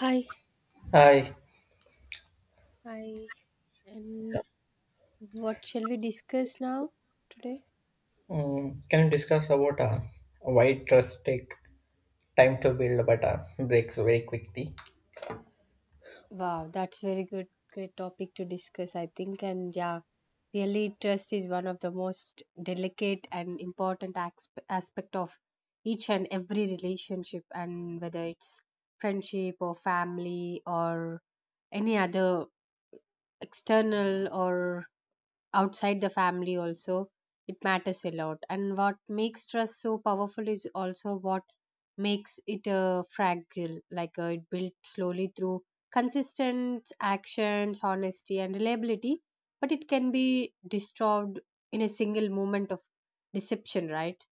Hi, Hi, hi, and what shall we discuss now today? Can you discuss about why trust take time to build but breaks very quickly? Wow, that's very good, great topic to discuss, I think. And yeah, really, trust is one of the most delicate and important aspect of each and every relationship, and whether it's friendship or family or any other external or outside the family also, it matters a lot. And what makes trust so powerful is also what makes it fragile. Like it built slowly through consistent actions, honesty and reliability, but it can be destroyed in a single moment of deception, right?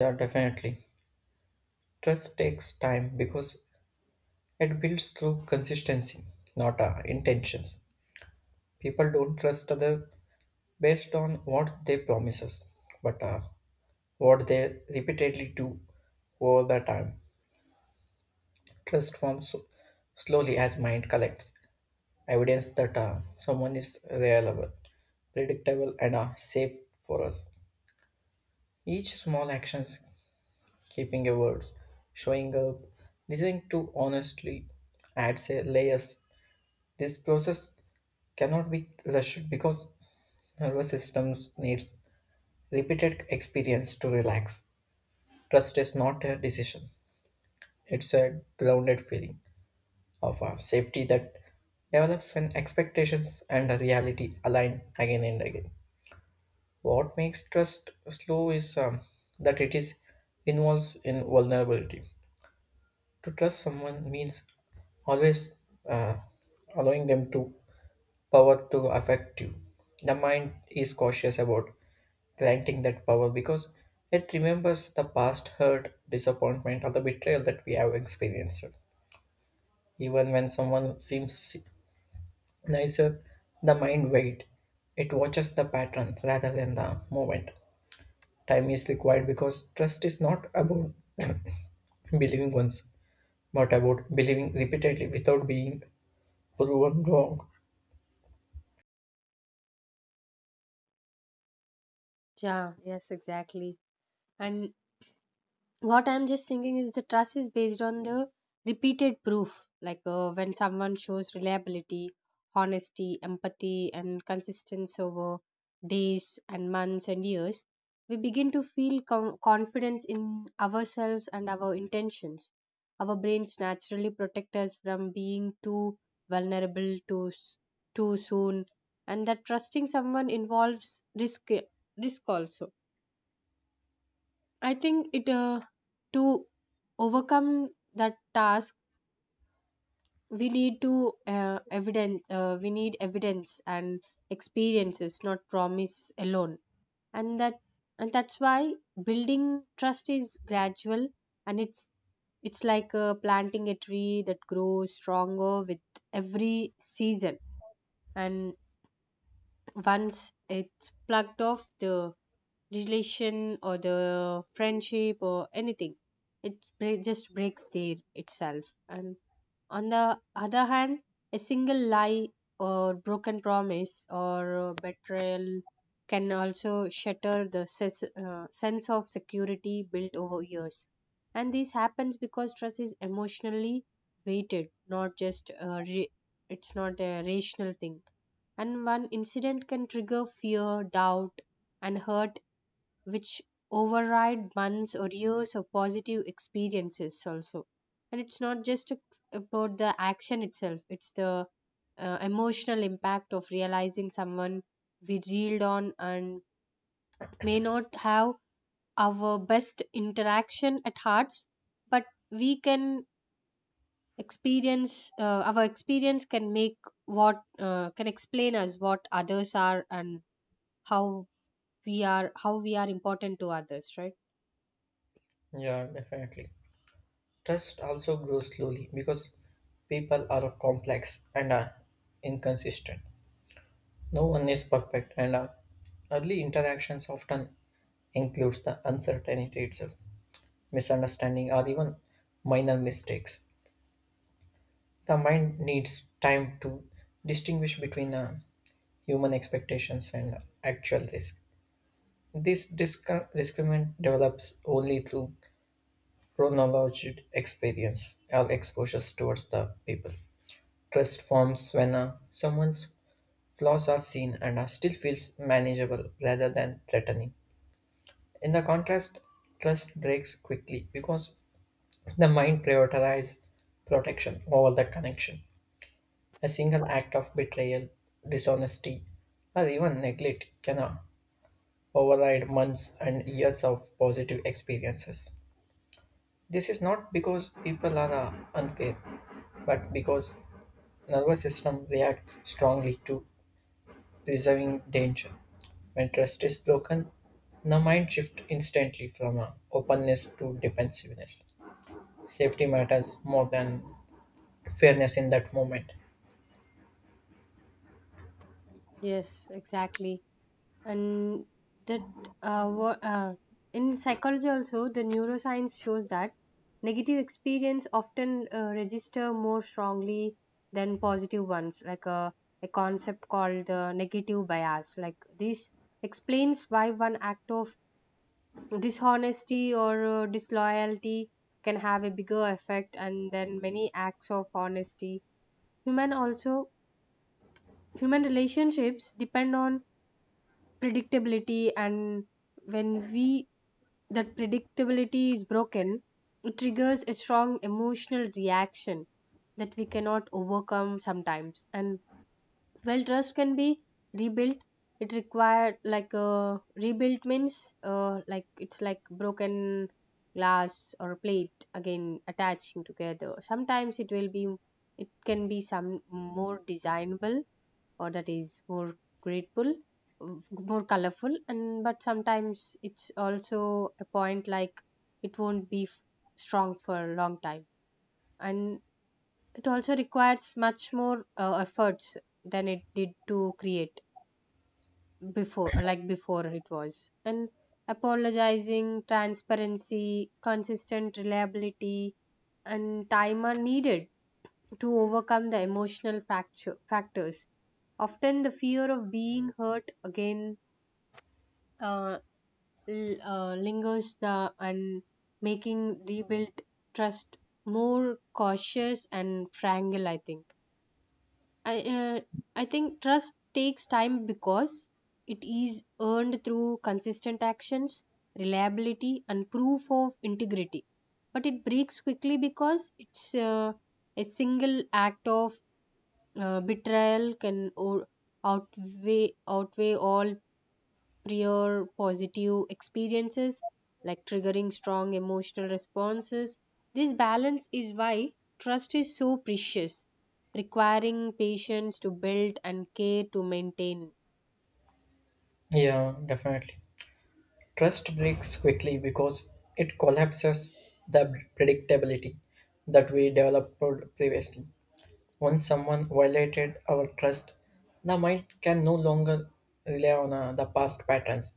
Yeah, definitely. Trust takes time because it builds through consistency, not intentions. People don't trust other based on what they promise us, but what they repeatedly do over the time. Trust forms slowly as mind collects evidence that someone is reliable, predictable, and safe for us. Each small actions, keeping your words, showing up, listening to honestly, adds a layers. This process cannot be rushed because nervous systems needs repeated experience to relax. Trust is not a decision; it's a grounded feeling of safety that develops when expectations and reality align again and again. What makes trust slow is that it is involves in vulnerability. To trust someone means always uh, allowing them to power to affect you. The mind is cautious about granting that power because it remembers the past hurt, disappointment, or the betrayal that we have experienced. Even when someone seems nicer, the mind waits. It watches the pattern rather than the moment. Time is required because trust is not about believing once, but about believing repeatedly without being proven wrong. Yeah, yes, exactly. And what I'm just thinking is the trust is based on the repeated proof, like, when someone shows reliability, honesty, empathy and consistency over days and months and years, we begin to feel confidence in ourselves and our intentions. Our brains naturally protect us from being too vulnerable, too soon, and that trusting someone involves risk. Risk also, I think it to overcome that task, we need to evidence we need evidence and experiences, not promise alone. And that and that's why building trust is gradual, and it's like, planting a tree that grows stronger with every season. And once it's plugged off, the relation or the friendship or anything, it just breaks there itself. And on the other hand, a single lie or broken promise or betrayal can also shatter the sense of security built over years. And this happens because trust is emotionally weighted, not just it's not a rational thing. And one incident can trigger fear, doubt and hurt, which override months or years of positive experiences also. And it's not just about the action itself, it's the emotional impact of realizing someone we reeled on and may not have our best interaction at hearts. But we can experience, our experience can make what can explain us what others are, and how we are, how we are important to others, right? Yeah, definitely. Trust also grows slowly because people are complex and are inconsistent. No one is perfect, and early interactions often includes the uncertainty itself, misunderstanding, or even minor mistakes. The mind needs time to distinguish between human expectations and actual risk. This discriminant develops only through chronological experience or exposures towards the people. Trust forms when someone's flaws are seen and still feels manageable rather than threatening. In the contrast, trust breaks quickly because the mind prioritizes protection over the connection. A single act of betrayal, dishonesty, or even neglect can override months and years of positive experiences. This is not because people are unfair, but because nervous system reacts strongly to preserving danger. When trust is broken, the mind shifts instantly from openness to defensiveness. Safety matters more than fairness in that moment. Yes, exactly. And that uh, wha- uh, in psychology also, the neuroscience shows that negative experience often register more strongly than positive ones, like a concept called the negative bias. Like, this explains why one act of dishonesty or disloyalty can have a bigger effect and then many acts of honesty. Human also Human relationships depend on predictability, and when we, that predictability is broken, it triggers a strong emotional reaction that we cannot overcome sometimes. And well, trust can be rebuilt, it required like a, rebuilt means, like it's like broken glass or plate again attaching together. Sometimes it will be, it can be some more designable or that is more grateful, more colorful. And but sometimes it's also a point like it won't be strong for a long time, and it also requires much more efforts than it did to create before, like before it was. And apologizing, transparency, consistent reliability and time are needed to overcome the emotional factors. Often, the fear of being hurt again uh, lingers the, and making rebuilt trust more cautious and fragile, I think. I uh, I think trust takes time because it is earned through consistent actions, reliability, and proof of integrity. But it breaks quickly because it's a single act of betrayal can outweigh all prior positive experiences, like triggering strong emotional responses. This balance is why trust is so precious, requiring patience to build and care to maintain. Yeah, definitely. Trust breaks quickly because it collapses the predictability that we developed previously. Once someone violated our trust, the mind can no longer rely on the past patterns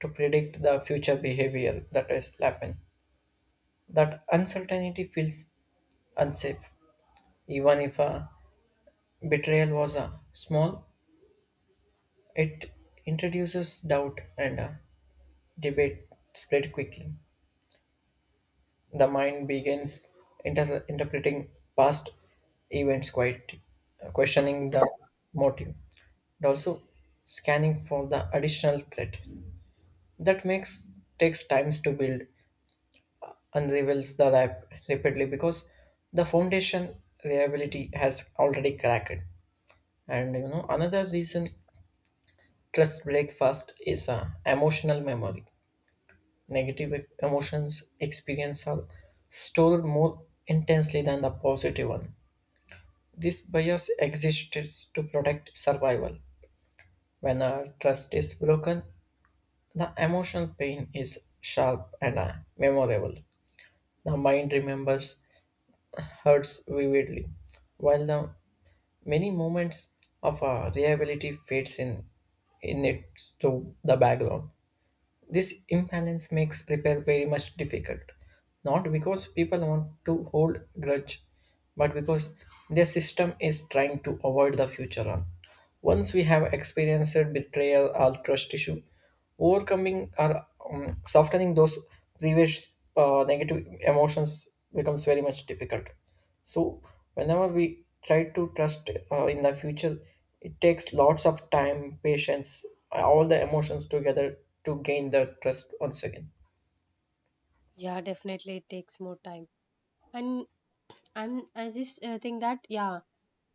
to predict the future behavior that is happen. That uncertainty feels unsafe. Even if a betrayal was small, it introduces doubt and debate spread quickly. The mind begins interpreting past events, quite questioning the motive, and also scanning for the additional threat. That makes takes times to build and reveals the rapidly because the foundation reliability has already cracked. And you know another reason trust break fast is emotional memory. Negative emotions experience are stored more intensely than the positive one. This bias exists to protect survival. When a trust is broken, the emotional pain is sharp and memorable. The mind remembers hurts vividly, while the many moments of reliability fades in it to the background. This imbalance makes repair very much difficult, not because people want to hold grudge, but because their system is trying to avoid the future harm. Once we have experienced betrayal or trust issue, overcoming or softening those previous negative emotions becomes very much difficult. So whenever we try to trust in the future, it takes lots of time, patience, all the emotions together to gain the trust once again. Yeah, definitely it takes more time. And and I just think that, yeah,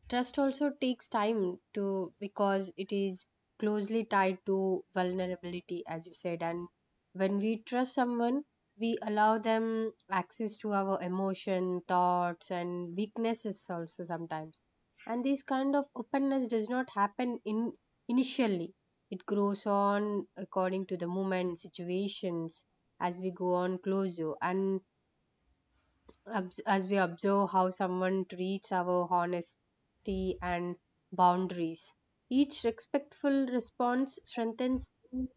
trust also takes time to because it is closely tied to vulnerability, as you said. And when we trust someone, we allow them access to our emotion, thoughts, and weaknesses also sometimes. And this kind of openness does not happen in initially. It grows on according to the moment, situations, as we go on closer. And as we observe how someone treats our honesty and boundaries. Each respectful response strengthens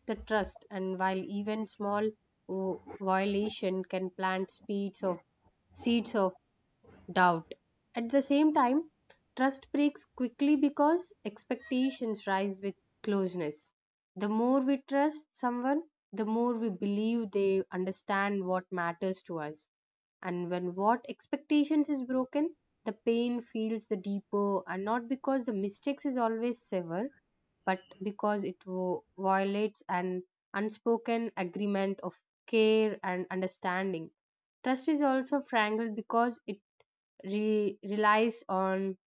the trust, and while even small violation can plant seeds of seeds of doubt. At the same time, trust breaks quickly because expectations rise with closeness. The more we trust someone, the more we believe they understand what matters to us. And when what expectations is broken, the pain feels the deeper, and not because the mistakes is always sever, but because it violates an unspoken agreement of care and understanding. Trust is also strangled because it relies on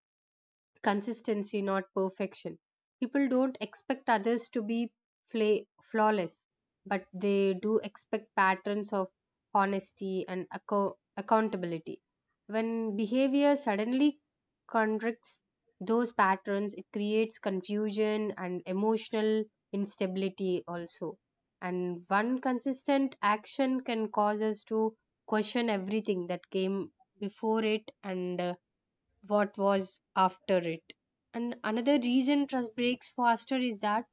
consistency, not perfection. People don't expect others to be play, flawless, but they do expect patterns of honesty and accountability. When behavior suddenly contradicts those patterns, it creates confusion and emotional instability also. And one consistent action can cause us to question everything that came before it and what was after it. And another reason trust breaks faster is that,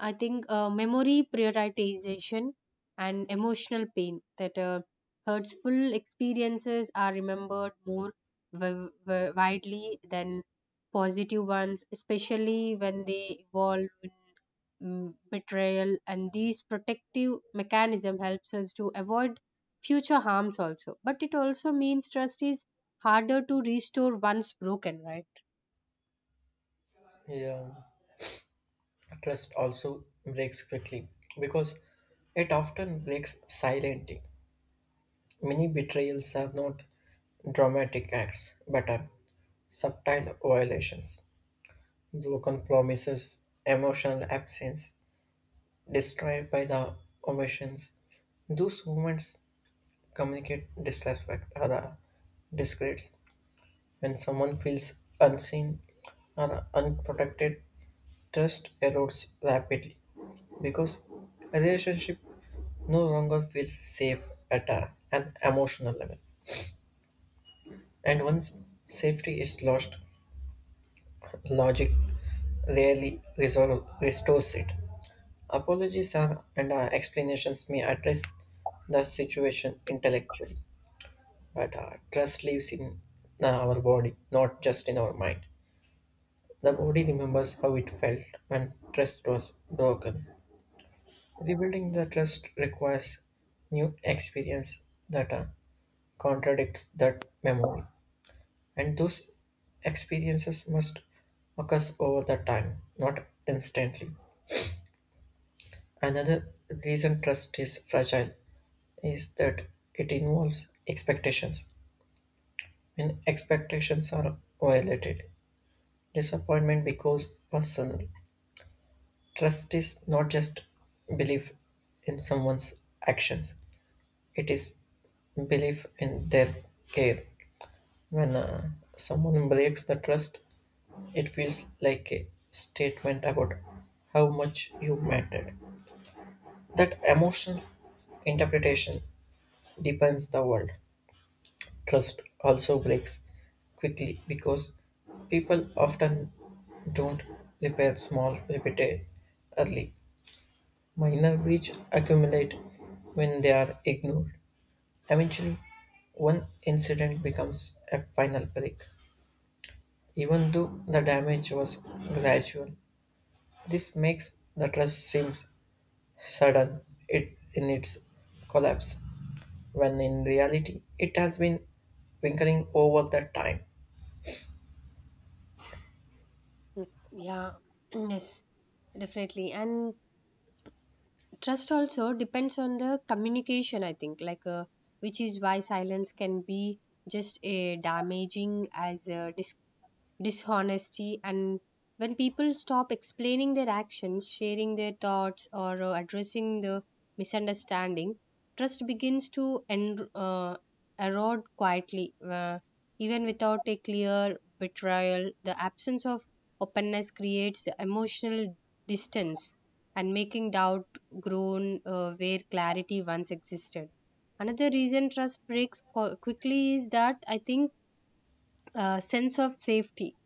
I think, memory prioritization and emotional pain, that hurtful experiences are remembered more widely than positive ones, especially when they evolve in betrayal. And these protective mechanism helps us to avoid future harms also. But it also means trust is harder to restore once broken, right? Yeah, trust also breaks quickly because it often breaks silently. Many betrayals are not dramatic acts but are subtle violations, broken promises, emotional absence, destroyed by the omissions. Those moments communicate disrespect or disgrace. When someone feels unseen or unprotected, trust erodes rapidly because a relationship no longer feels safe at an emotional level. And once safety is lost, logic rarely resolve, restores it. Apologies are, and explanations may address the situation intellectually, but trust lives in our body, not just in our mind. The body remembers how it felt when trust was broken. Rebuilding the trust requires new experience that contradicts that memory, and those experiences must occur over the time, not instantly. Another reason trust is fragile is that it involves expectations. When expectations are violated, disappointment becomes personal. Trust is not just belief in someone's actions, it is belief in their care. When someone breaks the trust, it feels like a statement about how much you mattered. That emotional interpretation deepens the world. Trust also breaks quickly because people often don't repair small repeated early minor breaches accumulate when they are ignored. Eventually, one incident becomes a final break, even though the damage was gradual. This makes the trust seems sudden it in its collapse, when in reality it has been winkling over the time. Mm, yeah. Yes, definitely. And trust also depends on the communication, I think. Like, which is why silence can be just a damaging as dishonesty. And when people stop explaining their actions, sharing their thoughts or addressing the misunderstanding, trust begins to erode quietly. uh, Even without a clear betrayal, the absence of openness creates the emotional distance, and making doubt grown where clarity once existed. Another reason trust breaks quickly is that, I think, sense of safety.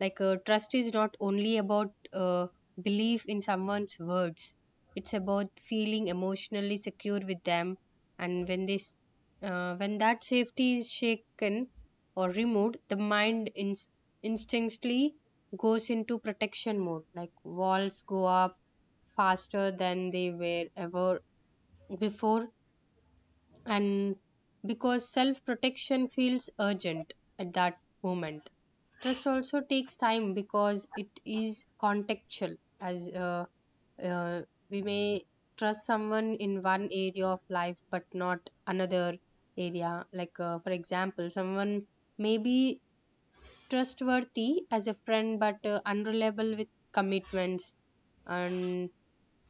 Like, trust is not only about belief in someone's words; it's about feeling emotionally secure with them. And when this, when that safety is shaken or removed, the mind instinctively goes into protection mode. Like, walls go up faster than they were ever before, and because self protection feels urgent at that moment. Trust also takes time because it is contextual, as uh, we may trust someone in one area of life but not another area. Like, for example, someone may be trustworthy as a friend but unreliable with commitments and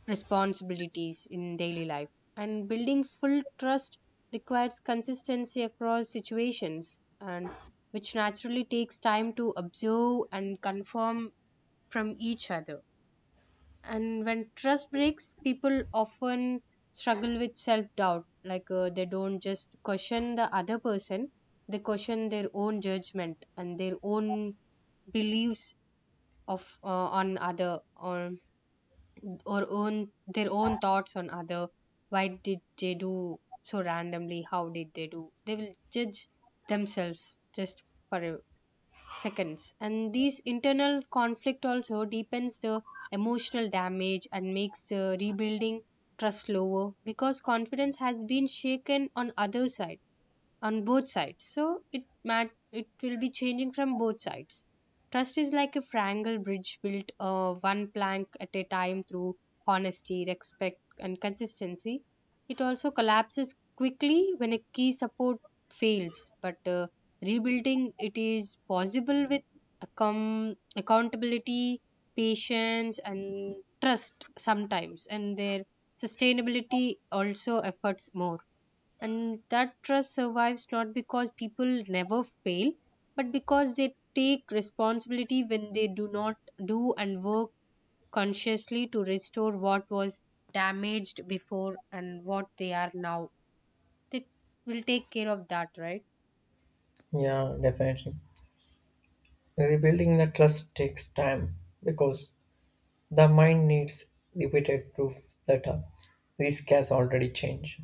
responsibilities in daily life. And building full trust requires consistency across situations, and which naturally takes time to observe and confirm from each other. And when trust breaks, people often struggle with self doubt. Like, they don't just question the other person, they question their own judgment and their own beliefs of on other, or own their own thoughts on other, why did they do so randomly, how did they do, they will judge themselves just for a seconds. And these internal conflict also deepens the emotional damage and makes rebuilding trust slower, because confidence has been shaken on other side, on both sides. So it it will be changing from both sides. Trust is like a triangle bridge built one plank at a time through honesty, respect, and consistency. It also collapses quickly when a key support fails, but rebuilding it is possible with accountability, patience, and trust sometimes, and their sustainability also efforts more. And that trust survives not because people never fail, but because they take responsibility when they do not do, and work consciously to restore what was damaged before and what they are now. They will take care of that, right? Yeah, definitely. Rebuilding the trust takes time because the mind needs repeated proof that a risk has already changed.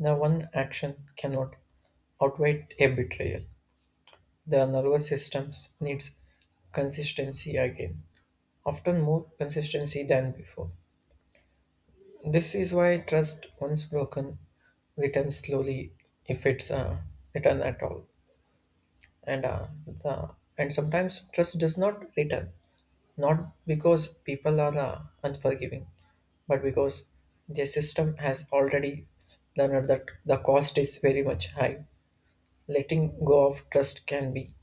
Now, one action cannot outweigh a betrayal. The nervous system needs consistency again, often more consistency than before. This is why trust, once broken, returns slowly if it's return at all. And uh, the, and sometimes trust does not return, not because people are unforgiving, but because their system has already learned that the cost is very much high. Letting go of trust can be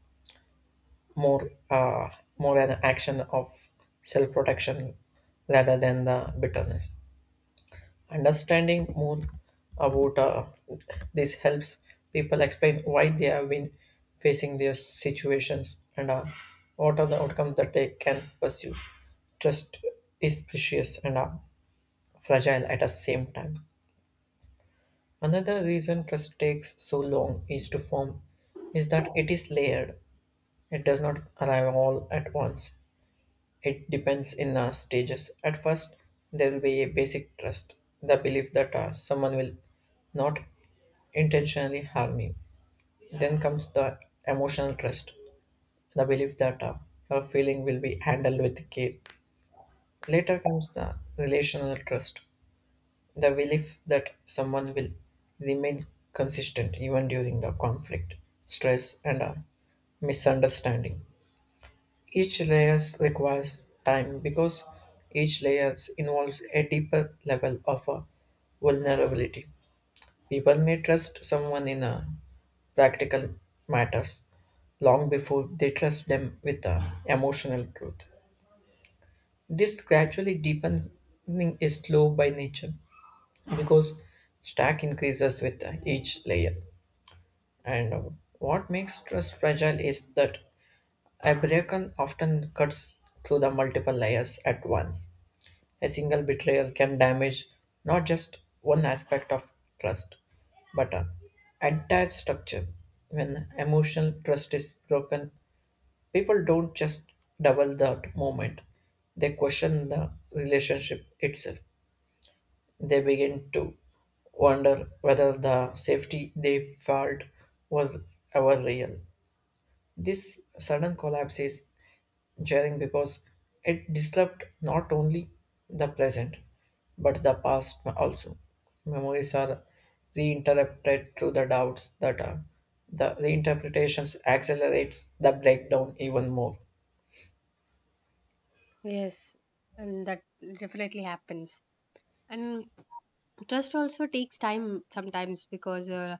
more uh, more an action of self-protection rather than the bitterness. Understanding more about this helps people explain why they have been facing their situations and what are the outcomes that they can pursue. Trust is precious and fragile at the same time. Another reason trust takes so long is to form is that it is layered. It does not arrive all at once. It depends in stages. At first, there will be a basic trust, the belief that someone will not intentionally harm you. Then comes the emotional trust, the belief that your feeling will be handled with care. Later comes the relational trust, the belief that someone will remain consistent even during the conflict, stress, and misunderstanding. Each layers requires time because each layers involves a deeper level of vulnerability. People may trust someone in practical matters long before they trust them with emotional truth. This gradually deepening is slow by nature because stack increases with each layer. And what makes trust fragile is that a beacon often cuts through the multiple layers at once. A single betrayal can damage not just one aspect of trust, but an entire structure. When emotional trust is broken, people don't just double that moment, they question the relationship itself. They begin to wonder whether the safety they felt was ever real. This sudden collapse is jarring because it disrupts not only the present but the past also. Memories are reinterpreted through the doubts that the reinterpretations accelerates the breakdown even more. Yes, and that definitely happens. And trust also takes time sometimes because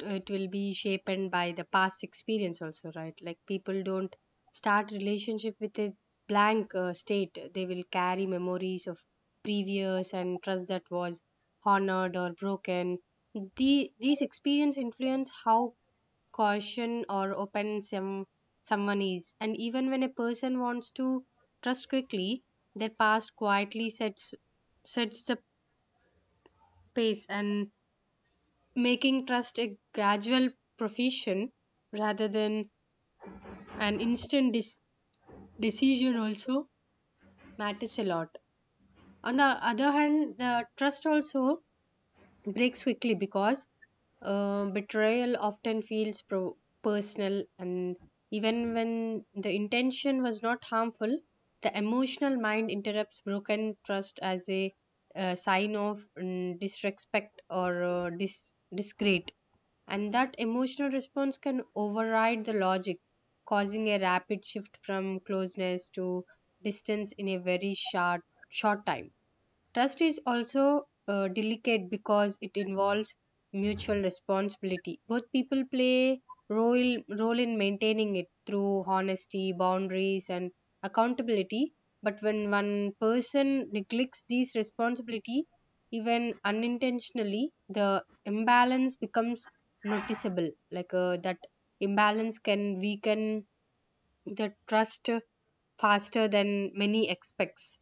it will be shaped by the past experience also, right? Like, people don't start relationship with a blank state. They will carry memories of previous and trust that was honored or broken. The, these experience influence how caution or open some, someone is. And even when a person wants to trust quickly, their past quietly sets the pace, and making trust a gradual profession rather than an instant decision, also matters a lot. On the other hand, the trust also breaks quickly because betrayal often feels personal. And even when the intention was not harmful, the emotional mind interrupts broken trust as a sign of disrespect or discreet. And that emotional response can override the logic, causing a rapid shift from closeness to distance in a very short time. Trust is also delicate because it involves mutual responsibility. Both people play role in maintaining it through honesty, boundaries, and accountability. But when one person neglects these responsibility, even unintentionally, the imbalance becomes noticeable. Like, that imbalance can weaken the trust faster than many expects.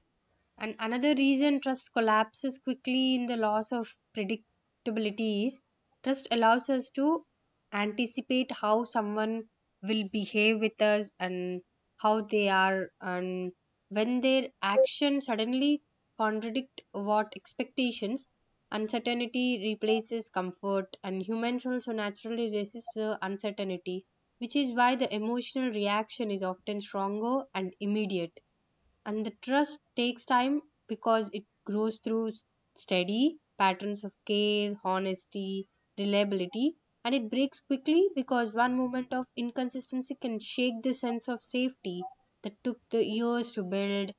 And another reason trust collapses quickly in the loss of predictability is trust allows us to anticipate how someone will behave with us, and how they are. And when their actions suddenly contradict what expectations, uncertainty replaces comfort, and humans also naturally resist the uncertainty, which is why the emotional reaction is often stronger and immediate. And the trust takes time because it grows through steady patterns of care, honesty, reliability, and it breaks quickly because one moment of inconsistency can shake the sense of safety that took the years to build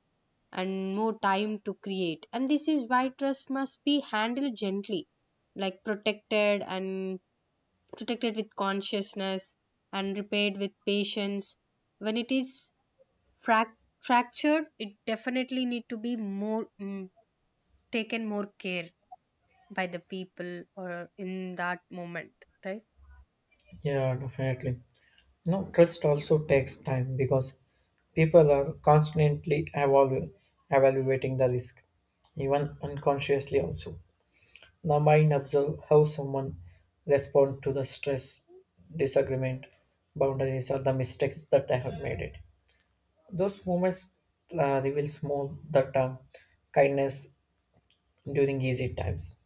and more time to create. And this is why trust must be handled gently, like protected and protected with consciousness, and repaired with patience. When it is frac- fractured, it definitely need to be more, taken more care by the people or in that moment, right? Yeah, definitely. No, trust also takes time because people are constantly evaluating the risk, even unconsciously also. The mind observes how someone responds to the stress, disagreement, boundaries, or the mistakes that I have made it. Those moments reveals more that kindness during easy times.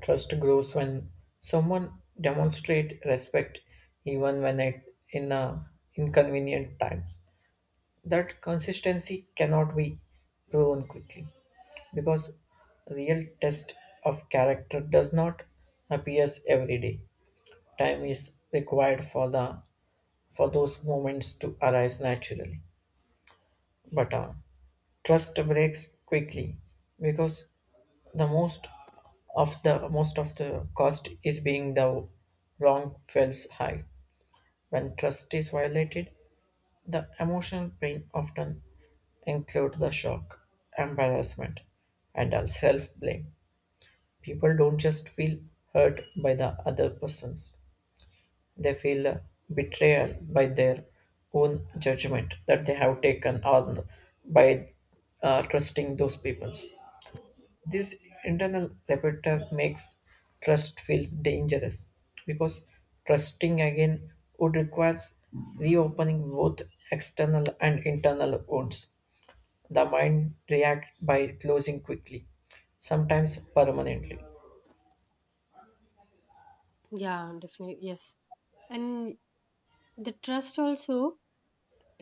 Trust grows when someone demonstrate respect, even when it in inconvenient times. That consistency cannot be proven quickly because real test of character does not appears every day. Time is required for the for those moments to arise naturally, but trust breaks quickly because the most of the cost is being the wrong feels high. When trust is violated, the emotional pain often include the shock, embarrassment, and self blame. People don't just feel hurt by the other persons. They feel betrayal by their own judgment that they have taken on by trusting those peoples. This internal repertoire makes trust feel dangerous because trusting again would requires reopening both external and internal wounds. The mind reacts by closing quickly, sometimes permanently. Yeah, definitely. Yes. And the trust also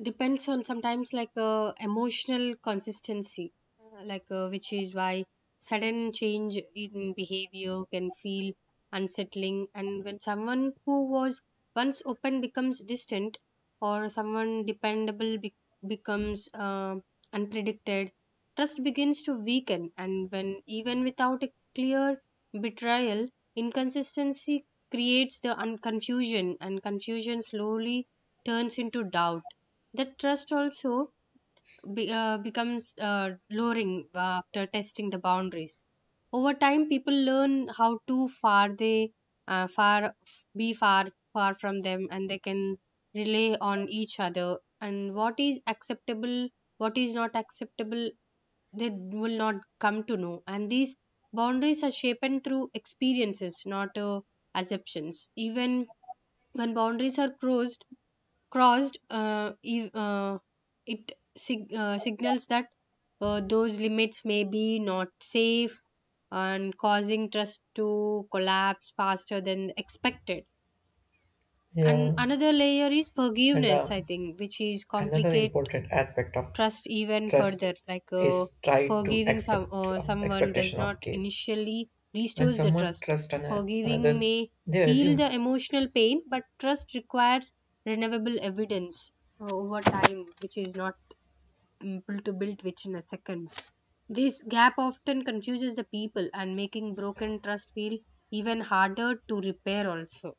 depends on sometimes like, emotional consistency. Like, which is why sudden change in behavior can feel unsettling. And when someone who was once open becomes distant, or someone dependable becomes unpredicted, trust begins to weaken. And when even without a clear betrayal, inconsistency creates the confusion, and confusion slowly turns into doubt. That trust also becomes lowering after testing the boundaries. Over time, people learn how to far they far be far far from them, and they can rely on each other. And what is acceptable, what is not acceptable, they will not come to know. And these boundaries are shaped through experiences, not assumptions. Even when boundaries are crossed, it signals that those limits may be not safe, and causing trust to collapse faster than expected. Yeah, And another layer is and forgiveness, I think, which is another complicate important aspect of trust even trust further. Like, is tied to forgiving expect someone does expectation not of care. initially When restores the someone trust. trusts Forgiving another, may they heal the assume emotional pain, but trust requires renewable evidence over time, which is not able to build within a second. This gap often confuses the people, and making broken trust feel even harder to repair also.